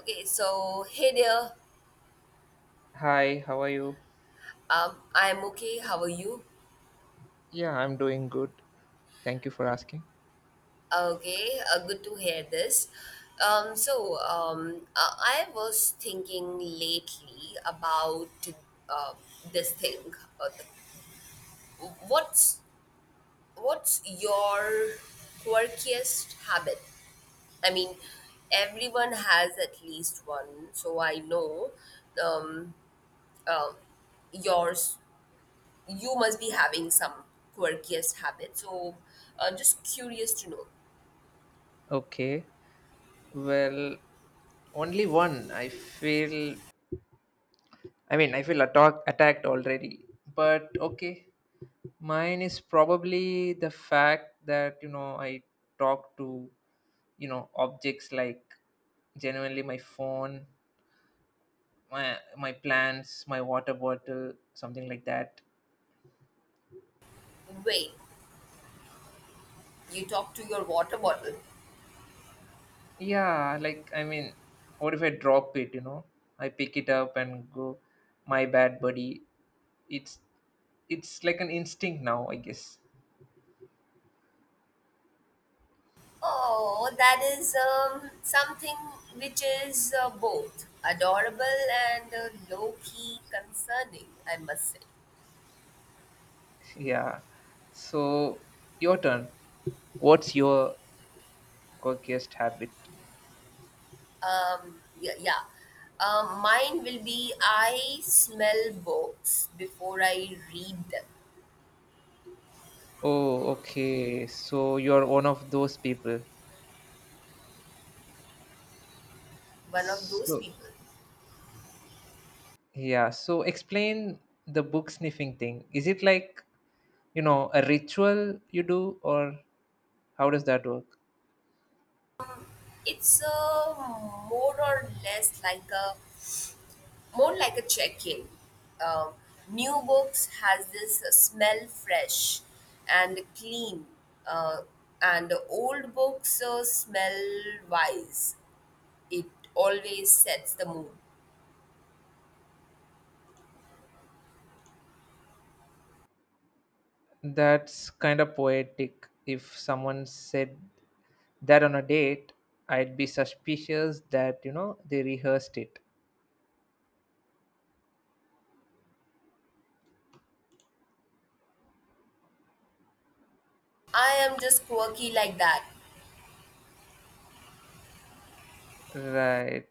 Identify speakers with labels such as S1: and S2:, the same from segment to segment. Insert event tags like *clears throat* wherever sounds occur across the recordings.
S1: Okay, so hey there.
S2: Hi, how are you?
S1: I'm okay. How are you?
S2: Yeah, I'm doing good. Thank you for asking.
S1: Okay, good to hear this. I was thinking lately about uh, this thing. Uh, what's what's your quirkiest habit? I mean, everyone has at least one. So I know um, um, yours you must be having some quirkiest habit. So, just curious to know.
S2: Okay. Well, only one. I feel I feel attacked already. But okay. Mine is probably the fact that, you know, I talk to, you know, objects like genuinely my phone, my plants, my water bottle, something like that.
S1: Wait, you talk to your water bottle.
S2: Yeah, like I mean, what if I drop it, you know? I pick it up and go, my bad buddy. It's it's like an instinct now, I guess.
S1: Oh, that is something which is both adorable and low key concerning, I must say.
S2: *laughs* Yeah. So your turn. What's your quirkiest habit?
S1: Yeah, yeah. Mine will be I smell books before I read them.
S2: Oh, okay. So you're one of those people.
S1: One of those
S2: So
S1: people.
S2: yeah, so explain the book sniffing thing. Is it like, you know, a ritual you do or how does that work?
S1: It's more or less like a more like a check-in. Um, New books has this smell fresh and clean, uh, and old books smell wise. It always sets the mood.
S2: That's kind of poetic. If someone said that on a date, I'd be suspicious that, you know, they rehearsed it.
S1: I am just quirky like that.
S2: Right.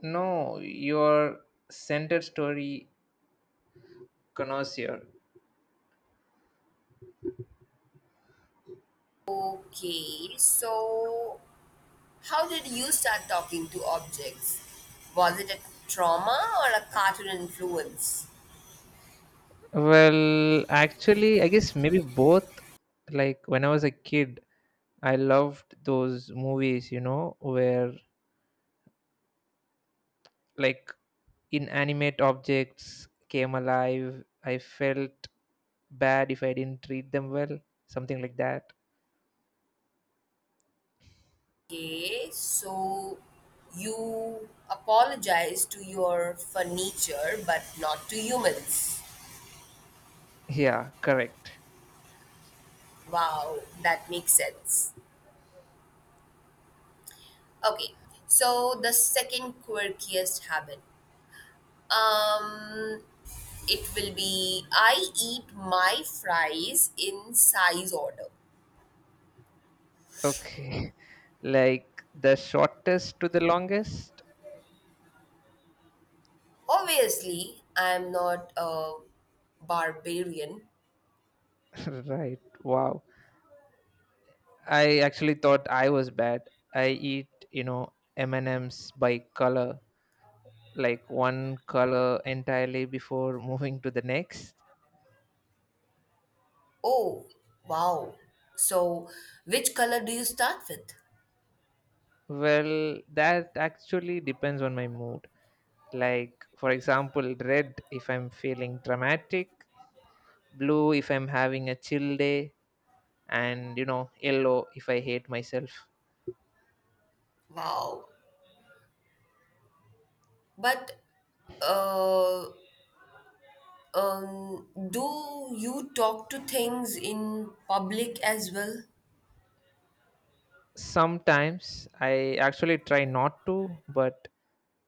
S2: No, your center story connoisseur.
S1: Okay, so how did you start talking to objects? Was it a trauma or a cartoon influence?
S2: Well, actually, I guess maybe both. Like when I was a kid, I loved those movies, you know, where like inanimate objects came alive. I felt bad if I didn't treat them well, something like that.
S1: Okay, so you apologize to your furniture but not to humans.
S2: Yeah, correct.
S1: Wow, that makes sense. Okay, so the second quirkiest habit. Um, it will be I eat my fries in size order.
S2: Okay. *laughs* Like the shortest to the longest.
S1: Obviously, I'm not a barbarian.
S2: *laughs* Right. Wow. I actually thought I was bad. I eat, you know, M&Ms by color, like one color entirely before *laughs* moving to the next.
S1: Oh, wow. So, which color do you start with?
S2: Well, that actually depends on my mood. Like, for example, red if I'm feeling dramatic, blue if I'm having a chill day, and you know, yellow if I hate myself.
S1: Wow. But uh, do you talk to things in public as well?
S2: Sometimes I actually try not to, but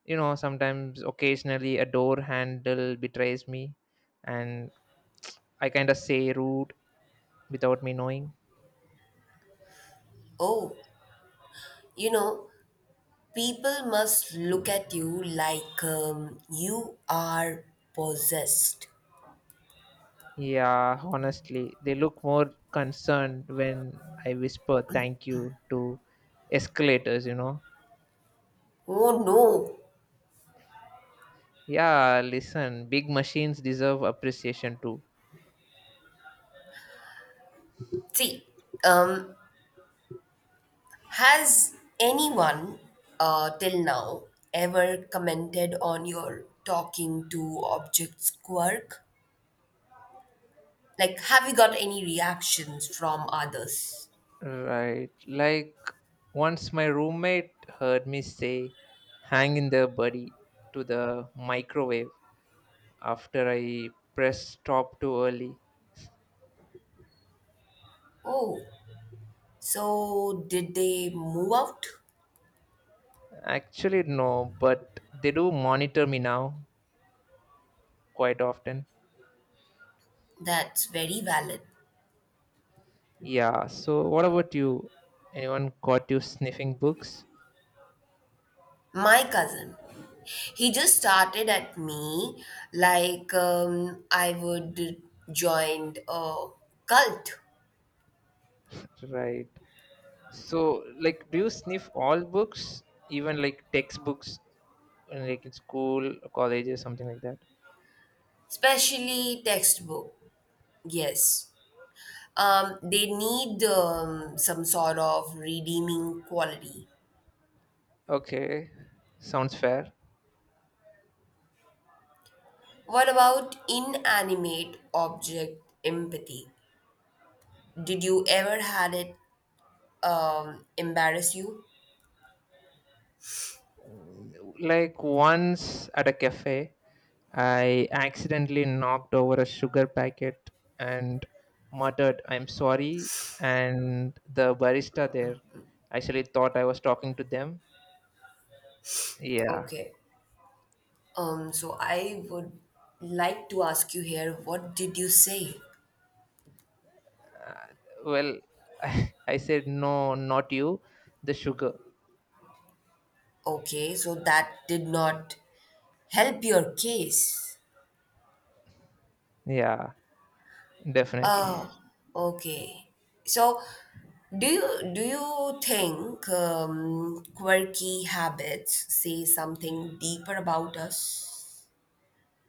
S2: you know, sometimes occasionally a door handle betrays me and I kind of say rude without me knowing.
S1: Oh, you know, people must look at you like you are possessed.
S2: Yeah, honestly, they look more concerned when I whisper thank you to escalators.
S1: Oh no.
S2: Yeah, listen, big machines deserve appreciation too.
S1: See, um, has anyone till now ever commented on your talking to objects quirk? Like, have you got any reactions from others?
S2: Right. Like, once my roommate heard me say, hang in there, buddy, to the microwave after I pressed stop too early.
S1: Oh, so, did they move out?
S2: Actually, no, but they do monitor me now quite often.
S1: That's very valid.
S2: Yeah, so what about you? Anyone caught you sniffing books?
S1: My cousin, he just started at me like I would joined a cult,
S2: Right. So, like, do you sniff all books, even like textbooks? Like in school, colleges, something like that.
S1: especially textbook. Yes. They need some sort of redeeming quality.
S2: Okay, sounds fair.
S1: What about inanimate object empathy? Did you ever had it embarrass you?
S2: Like once at a cafe, I accidentally knocked over a sugar packet and muttered, I'm sorry. And the barista there actually thought I was talking to them. Yeah.
S1: Okay. So I would like to ask you here, what did you say?
S2: Well, *laughs* I said, no, not you, the sugar.
S1: Okay, so that did not help your case.
S2: Yeah, definitely.
S1: Oh, okay. So, do you think quirky habits say something deeper about us?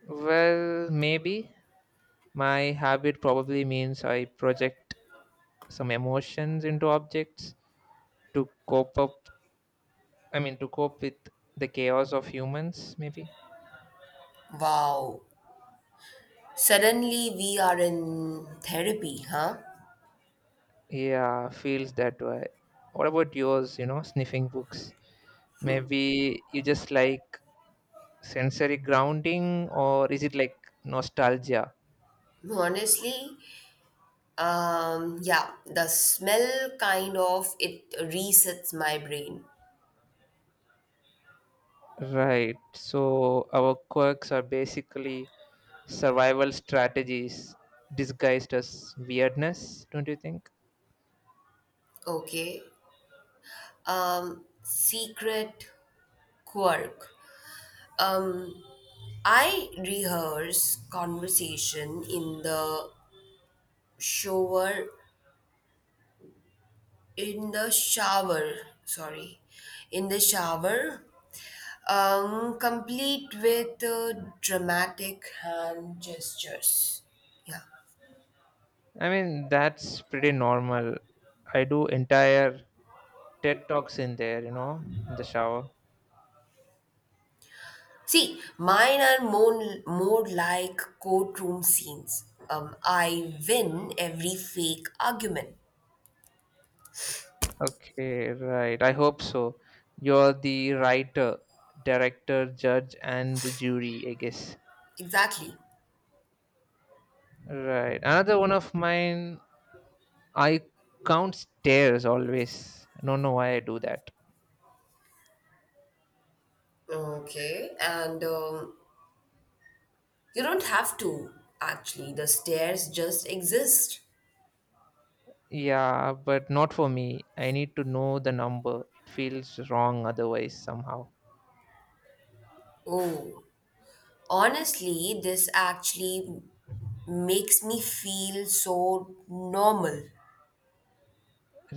S2: Well, maybe. My habit probably means I project some emotions into objects to cope up, I mean, to cope with the chaos of humans, maybe.
S1: Wow. Suddenly we are in therapy, huh?
S2: Yeah, feels that way. What about yours, you know, sniffing books? Maybe you just like sensory grounding, or is it like nostalgia?
S1: Honestly, yeah, the smell kind of it resets my brain.
S2: Right, so our quirks are basically survival strategies disguised as weirdness, don't you think?
S1: Okay. Secret quirk. Um, I rehearse conversation shower, in the shower, sorry, in the shower, complete with dramatic hand gestures. Yeah.
S2: I mean, that's pretty normal. I do entire TED Talks in there, you know, in the shower.
S1: See, mine are more like courtroom scenes. I win every fake argument.
S2: Okay, right. I hope so. You're the writer, director, judge, and the jury, I guess.
S1: Exactly.
S2: Right. Another one of mine, I count stairs always. I don't know why I do that.
S1: Okay, and you don't have to, actually. The stairs just exist.
S2: Yeah, but not for me. I need to know the number. It feels wrong otherwise, somehow.
S1: Oh, honestly, this actually makes me feel so normal.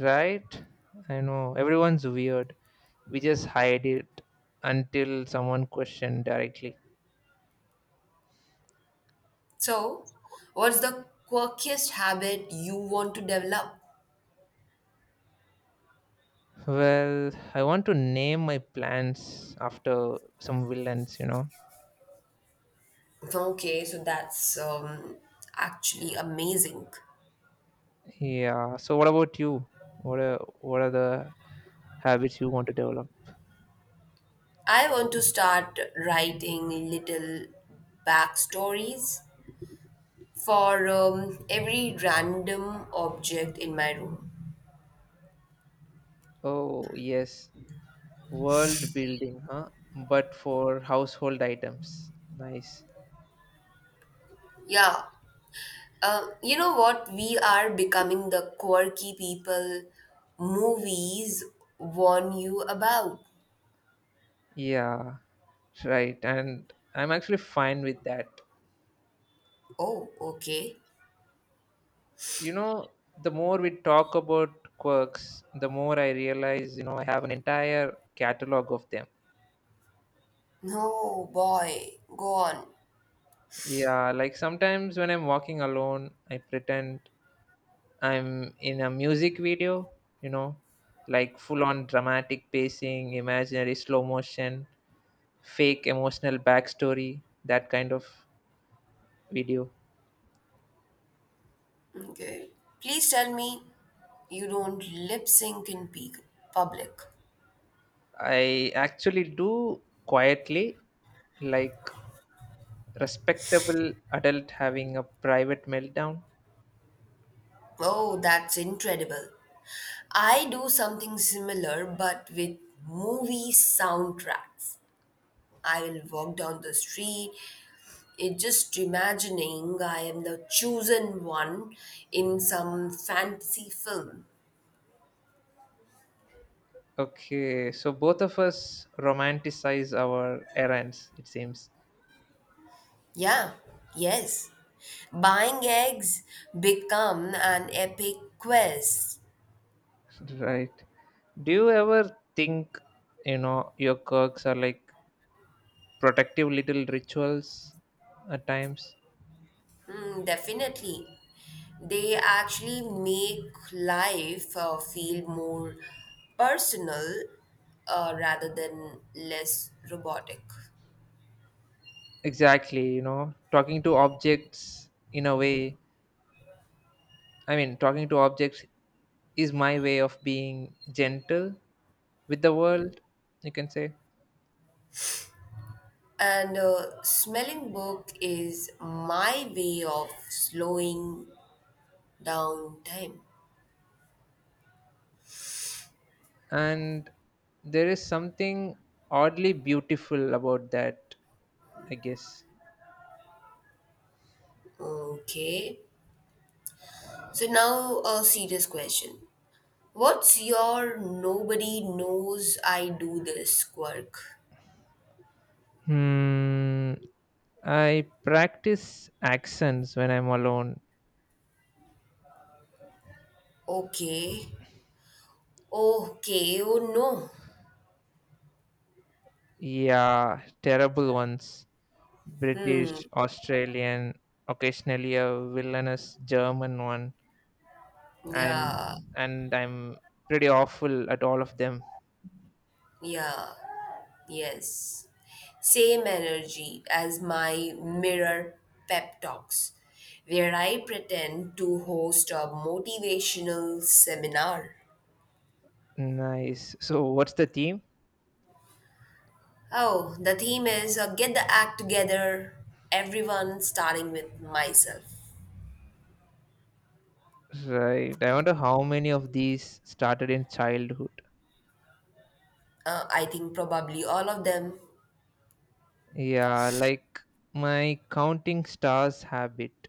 S2: Right? I know. Everyone's weird. We just hide it until someone questions directly.
S1: So, what's the quirkiest habit you want to develop?
S2: Well, I want to name my plants after some villains, you know.
S1: So, okay, so that's actually amazing.
S2: Yeah. So what about you? What are the habits you want to develop?
S1: I want to start writing little backstories for every random object in my room.
S2: Oh, yes. World building, huh? But for household items. Nice.
S1: Yeah, you know what? We are becoming the quirky people movies warn you about.
S2: Yeah. Right. And I'm actually fine with that.
S1: Oh, okay.
S2: You know, the more we talk about quirks, the more I realize, you know, I have an entire catalog of them.
S1: No, boy, go on.
S2: Yeah, like sometimes when I'm walking alone, I pretend I'm in a music video, you know, like full on dramatic pacing, imaginary slow motion, fake emotional backstory, that kind of video.
S1: Okay. Please tell me you don't lip sync in peak public.
S2: I actually do quietly, like respectable adult having a private meltdown.
S1: Oh, that's incredible. I do something similar but with movie soundtracks. I will walk down the street, it just imagining I am the chosen one in some fantasy film.
S2: Okay, so both of us romanticize our errands, it seems.
S1: Yeah, yes. Buying eggs become an epic quest.
S2: Right. Do you ever think, you know, your quirks are like protective little rituals at times?
S1: Hmm, definitely. They actually make life feel more personal rather than less robotic.
S2: Exactly, you know, talking to objects in a way. I mean, talking to objects is my way of being gentle with the world, you can say.
S1: And smelling book is my way of slowing down time.
S2: And there is something oddly beautiful about that, I guess.
S1: Okay. So now a serious question. What's your nobody knows I do this quirk?
S2: Hmm. I practice accents when I'm alone.
S1: Okay. Okay. Oh no.
S2: Yeah, terrible ones. British,
S1: Hmm.
S2: Australian, occasionally a villainous German one, and
S1: Yeah.
S2: and I'm pretty awful at all of them.
S1: Yeah. Yes, same energy as my mirror pep talks, where I pretend to host a motivational seminar.
S2: Nice. So what's the theme?
S1: Oh, the theme is get the act together, everyone starting with myself.
S2: Right. I wonder how many of these started in childhood.
S1: I think probably all of them.
S2: Yeah, like my counting stars habit.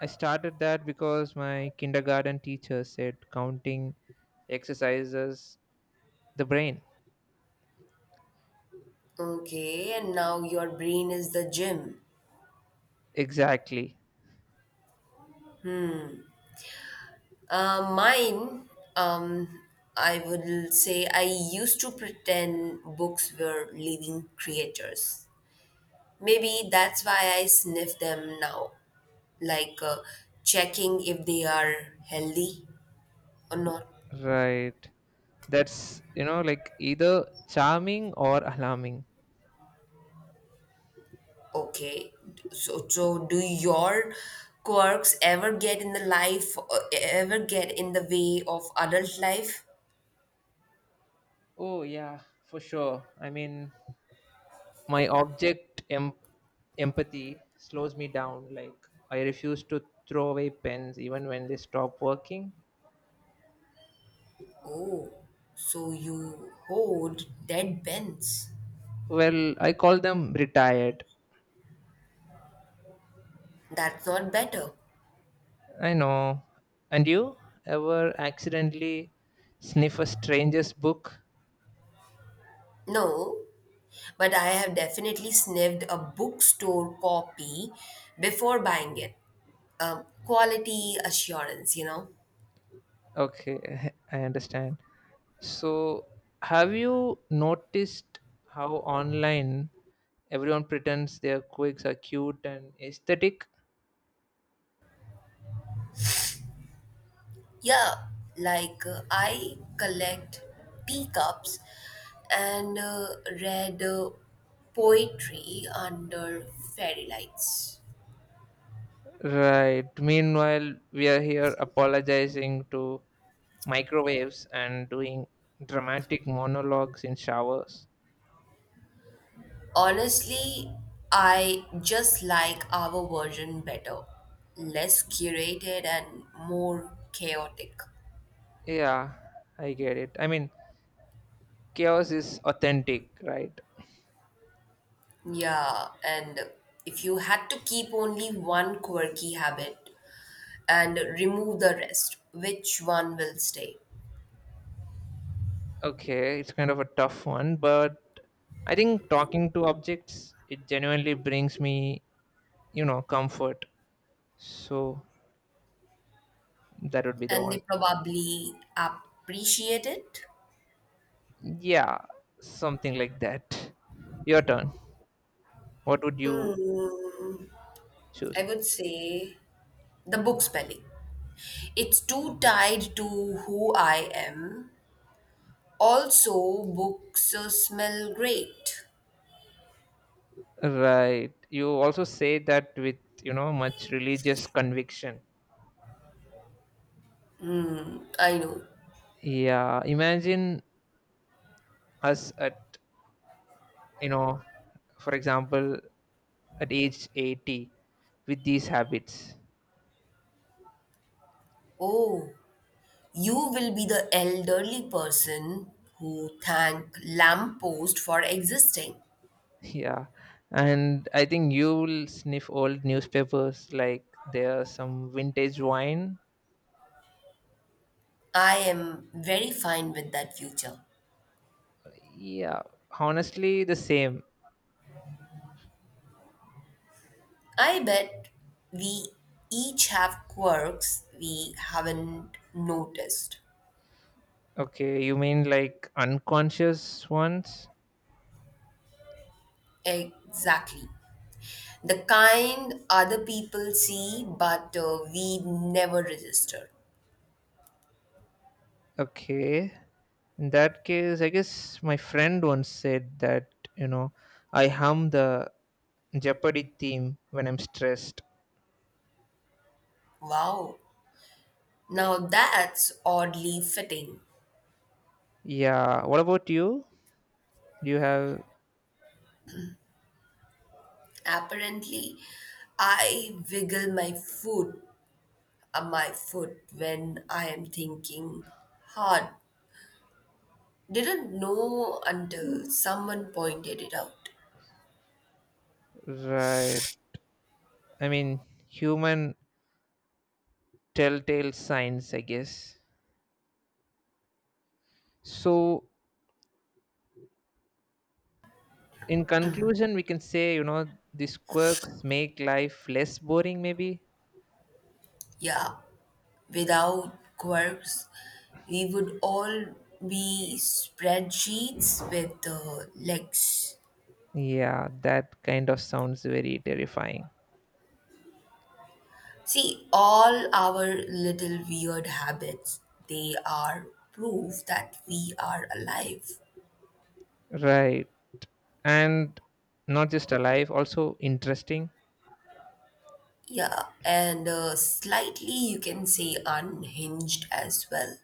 S2: I started that because my kindergarten teacher said counting exercises the brain.
S1: Okay, and now your brain is the gym.
S2: Exactly.
S1: Mine, um, I would say I used to pretend books were living creators. Maybe that's why I sniff them now, like checking if they are healthy or not.
S2: Right. That's, you know, like either charming or alarming.
S1: Okay, so do your quirks ever get in the way of adult life?
S2: Oh, yeah, for sure. I mean, my empathy slows me down. Like, I refuse to throw away pens even when they stop working.
S1: Oh, so you hold dead bends.
S2: Well, I call them retired.
S1: That's not better.
S2: I know. And you ever accidentally sniff a stranger's book?
S1: No, but I have definitely sniffed a bookstore copy before buying it. Quality assurance, you know?
S2: Okay, *laughs* I understand. So, have you noticed how online everyone pretends their quirks are cute and aesthetic?
S1: Yeah, like I collect teacups and read poetry under fairy lights.
S2: Right. Meanwhile, we are here apologizing to microwaves and doing dramatic monologues in showers.
S1: Honestly, I just like our version better. Less curated and more chaotic.
S2: Yeah, I get it. I mean, chaos is authentic, right?
S1: Yeah, and if you had to keep only one quirky habit and remove the rest, which one will stay?
S2: Okay, it's kind of a tough one, but I think talking to objects, it genuinely brings me, you know, comfort. So that would be the
S1: And
S2: one.
S1: they probably appreciate it?
S2: Yeah, something like that. Your turn. What would you
S1: Hmm.
S2: choose?
S1: I would say the book spelling. It's too tied to who I am. Also, books smell great.
S2: Right. You also say that with, you know, much religious conviction.
S1: I know.
S2: Yeah, imagine us at, you know, for example, at age 80 with these habits.
S1: Oh, you will be the elderly person who thank lamppost for existing.
S2: Yeah. And I think you will sniff old newspapers like there's some vintage wine.
S1: I am very fine with that future.
S2: Yeah, honestly, the same.
S1: I bet we each have quirks we haven't noticed.
S2: Okay, you mean like unconscious ones?
S1: Exactly. The kind other people see but we never register.
S2: Okay. In that case, I guess my friend once said that, you know, I hum the Jeopardy theme when I'm stressed.
S1: Wow. Now that's oddly fitting.
S2: Yeah. What about you? Do you have,
S1: Apparently, I wiggle my foot when I am thinking hard. Didn't know until someone pointed it out.
S2: right? I mean, human telltale signs, I guess. So, in conclusion, we can say, you know, these quirks make life less boring, maybe?
S1: Yeah, without quirks, we would all be spreadsheets with legs.
S2: Yeah, that kind of sounds very terrifying.
S1: See, all our little weird habits, they are proof that we are alive.
S2: Right. And not just alive, also interesting.
S1: Yeah, and slightly you can say unhinged as well.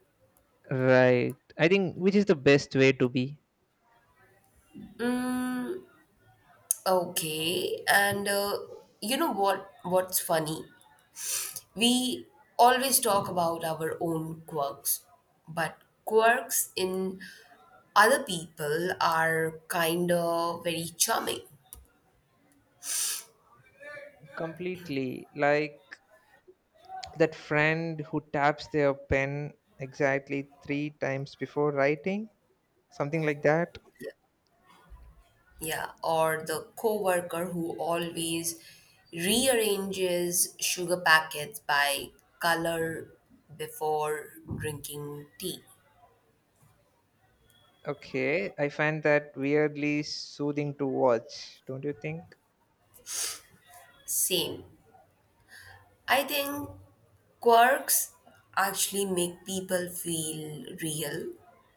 S2: Right, I think which is the best way to be.
S1: Mm, Okay, and you know what? What's funny? We always talk about our own quirks, but quirks in other people are kind of very charming.
S2: Completely, like that friend who taps their pen exactly 3 times before writing, something like that.
S1: Yeah, or the coworker who always rearranges sugar packets by color before drinking tea.
S2: Okay, I find that weirdly soothing to watch, don't you think?
S1: Same. I think quirks actually make people feel real,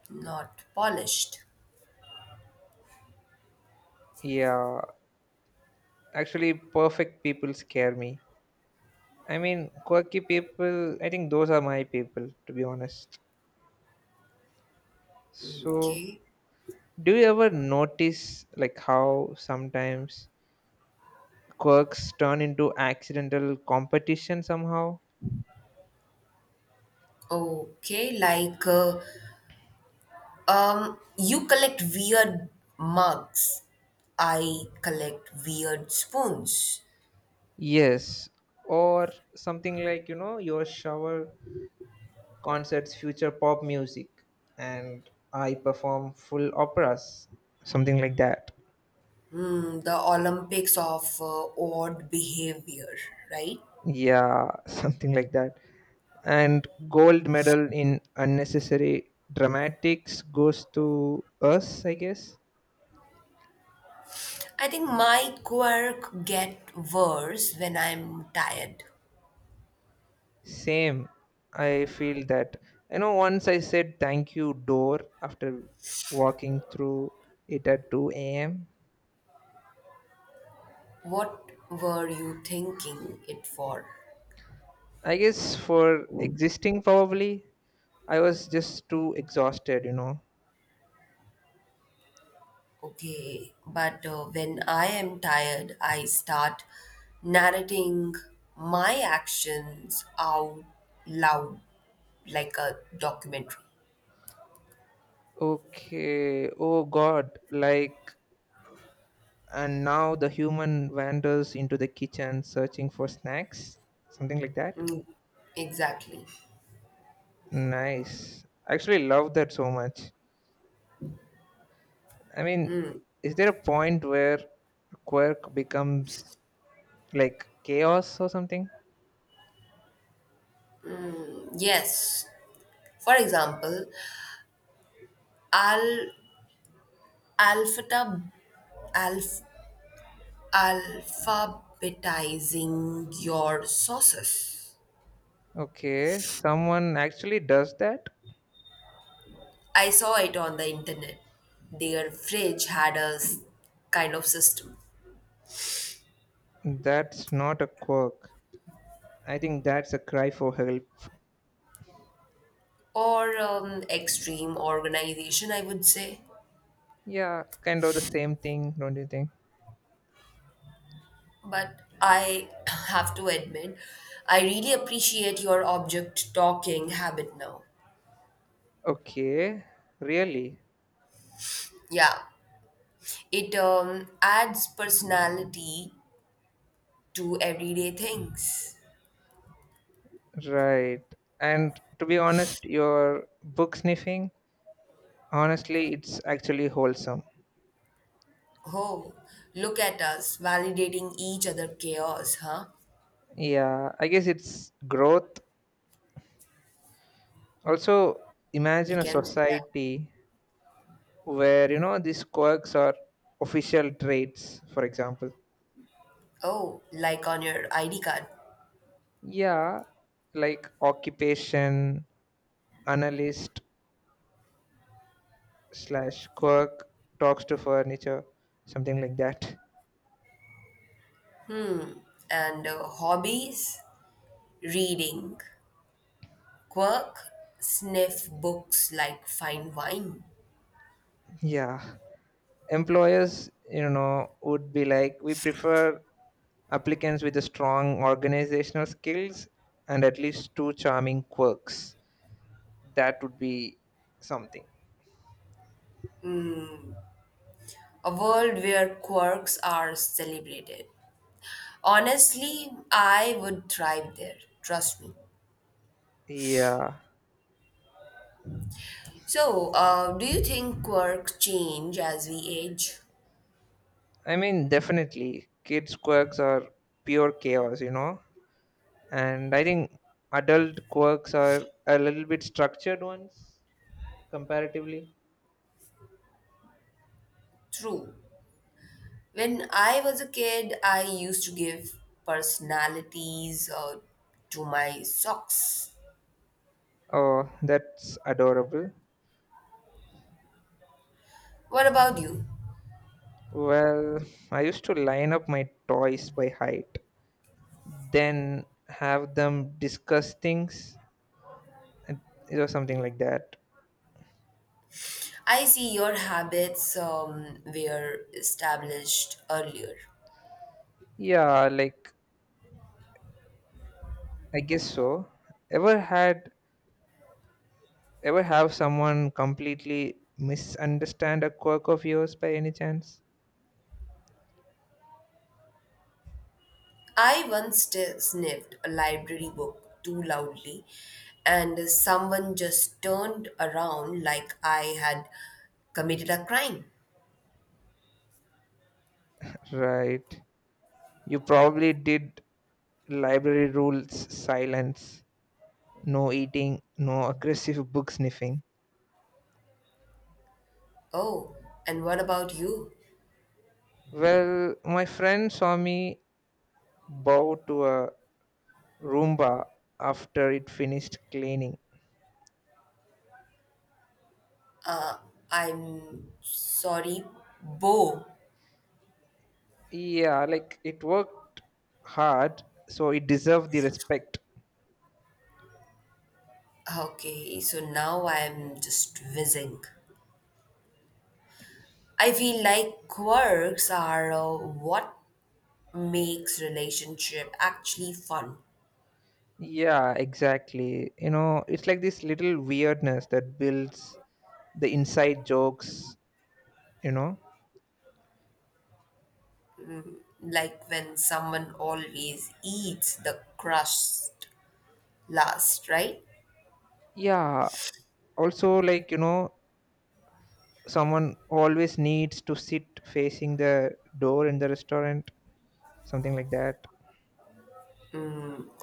S1: not polished.
S2: Yeah, actually perfect people scare me. I mean, quirky people, I think those are my people, to be honest. So,
S1: Okay.
S2: do you ever notice like how sometimes quirks turn into accidental competition somehow?
S1: Okay, like you collect weird mugs. I collect weird spoons.
S2: Yes, or something like, you know, your shower concerts future pop music and I perform full operas, something like that.
S1: Hmm, the Olympics of odd behavior, right?
S2: Yeah, *laughs* something like that. And gold medal in unnecessary dramatics goes to us, I guess.
S1: I think my quirk get worse when I'm tired.
S2: Same. I feel that. You know, once I said thank you door after walking through it at 2 a.m.
S1: What were you thinking it for?
S2: I guess for existing, probably, I was just too exhausted, you know.
S1: Okay, but when I am tired, I start narrating my actions out loud like a documentary.
S2: Okay, oh God, like, and now the human wanders into the kitchen searching for snacks, something like that.
S1: Mm, exactly.
S2: Nice. I actually love that so much. I mean, is there a point where quirk becomes like chaos or something?
S1: Yes. For example, I'll alphata, alph, alphabetizing your sauces.
S2: Okay, someone actually does that?
S1: I saw it on the internet. Their fridge had a kind of system.
S2: That's not a quirk. I think that's a cry for help.
S1: Or extreme organization, I would say.
S2: Yeah, kind of the same thing, don't you think?
S1: But I *clears throat* have to admit, I really appreciate your object talking habit now.
S2: Okay, really?
S1: Yeah, it adds personality to everyday things.
S2: Right. And to be honest, your book sniffing, honestly, it's actually wholesome.
S1: Oh, look at us validating each other chaos, huh?
S2: Yeah, I guess it's growth. Also,
S1: We
S2: imagine a
S1: can see that.
S2: society where, you know, these quirks are official traits, for example.
S1: Oh, like on your ID card.
S2: Yeah, like occupation, analyst slash quirk talks to furniture, something like that. *laughs*
S1: And hobbies? Reading. Quirk sniff books like fine wine.
S2: Yeah. Employers, you know, would be like, we prefer applicants with a strong organizational skills and at least two charming quirks. That would be something.
S1: A world where quirks are celebrated. Honestly, I would thrive there. Trust me.
S2: Yeah.
S1: So, do you think quirks change as we age?
S2: I mean, definitely, kids' quirks are pure chaos, you know? And I think adult quirks are a little bit structured ones, comparatively.
S1: True. When I was a kid, I used to give personalities to my socks.
S2: Oh, that's adorable.
S1: What about you?
S2: Well, I used to line up my toys by height, then have them discuss things and- or something like that.
S1: I see your habits were established earlier.
S2: Yeah, like I guess so. Ever had ever have someone completely misunderstand a quirk of yours, by any chance?
S1: I once sniffed a library book too loudly, and someone just turned around like I had committed a crime.
S2: Right, you probably did. Library rules: silence, no eating, no aggressive book sniffing.
S1: Oh, and what about you?
S2: Well, my friend saw me bow to a roomba after it finished cleaning.
S1: Uh, I'm sorry, Bo.
S2: Yeah, like it worked hard, so it deserved the respect.
S1: Okay, so now I'm just whizzing. I feel like quirks are what makes relationship actually fun.
S2: Yeah, exactly, you know, it's like this little weirdness that builds the inside jokes, you know.
S1: Like when someone always eats the crust last, right?
S2: Yeah, also like, you know, someone always needs to sit facing the door in the restaurant, something like that.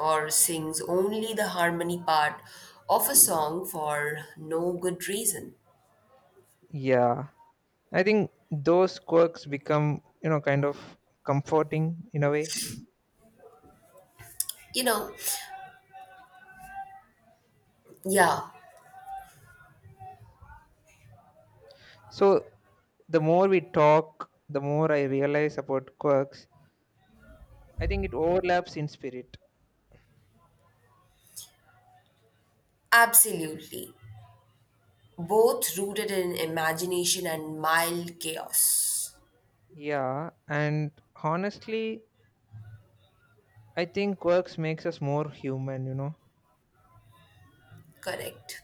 S1: Or sings only the harmony part of a song for no good reason.
S2: Yeah, I think those quirks become, you know, kind of comforting in a way.
S1: You know, yeah,
S2: So the more we talk, the more I realize about quirks, I think it overlaps in spirit.
S1: absolutely. Both rooted in imagination and mild chaos.
S2: Yeah, and honestly, I think quirks makes us more human, you know.
S1: Correct.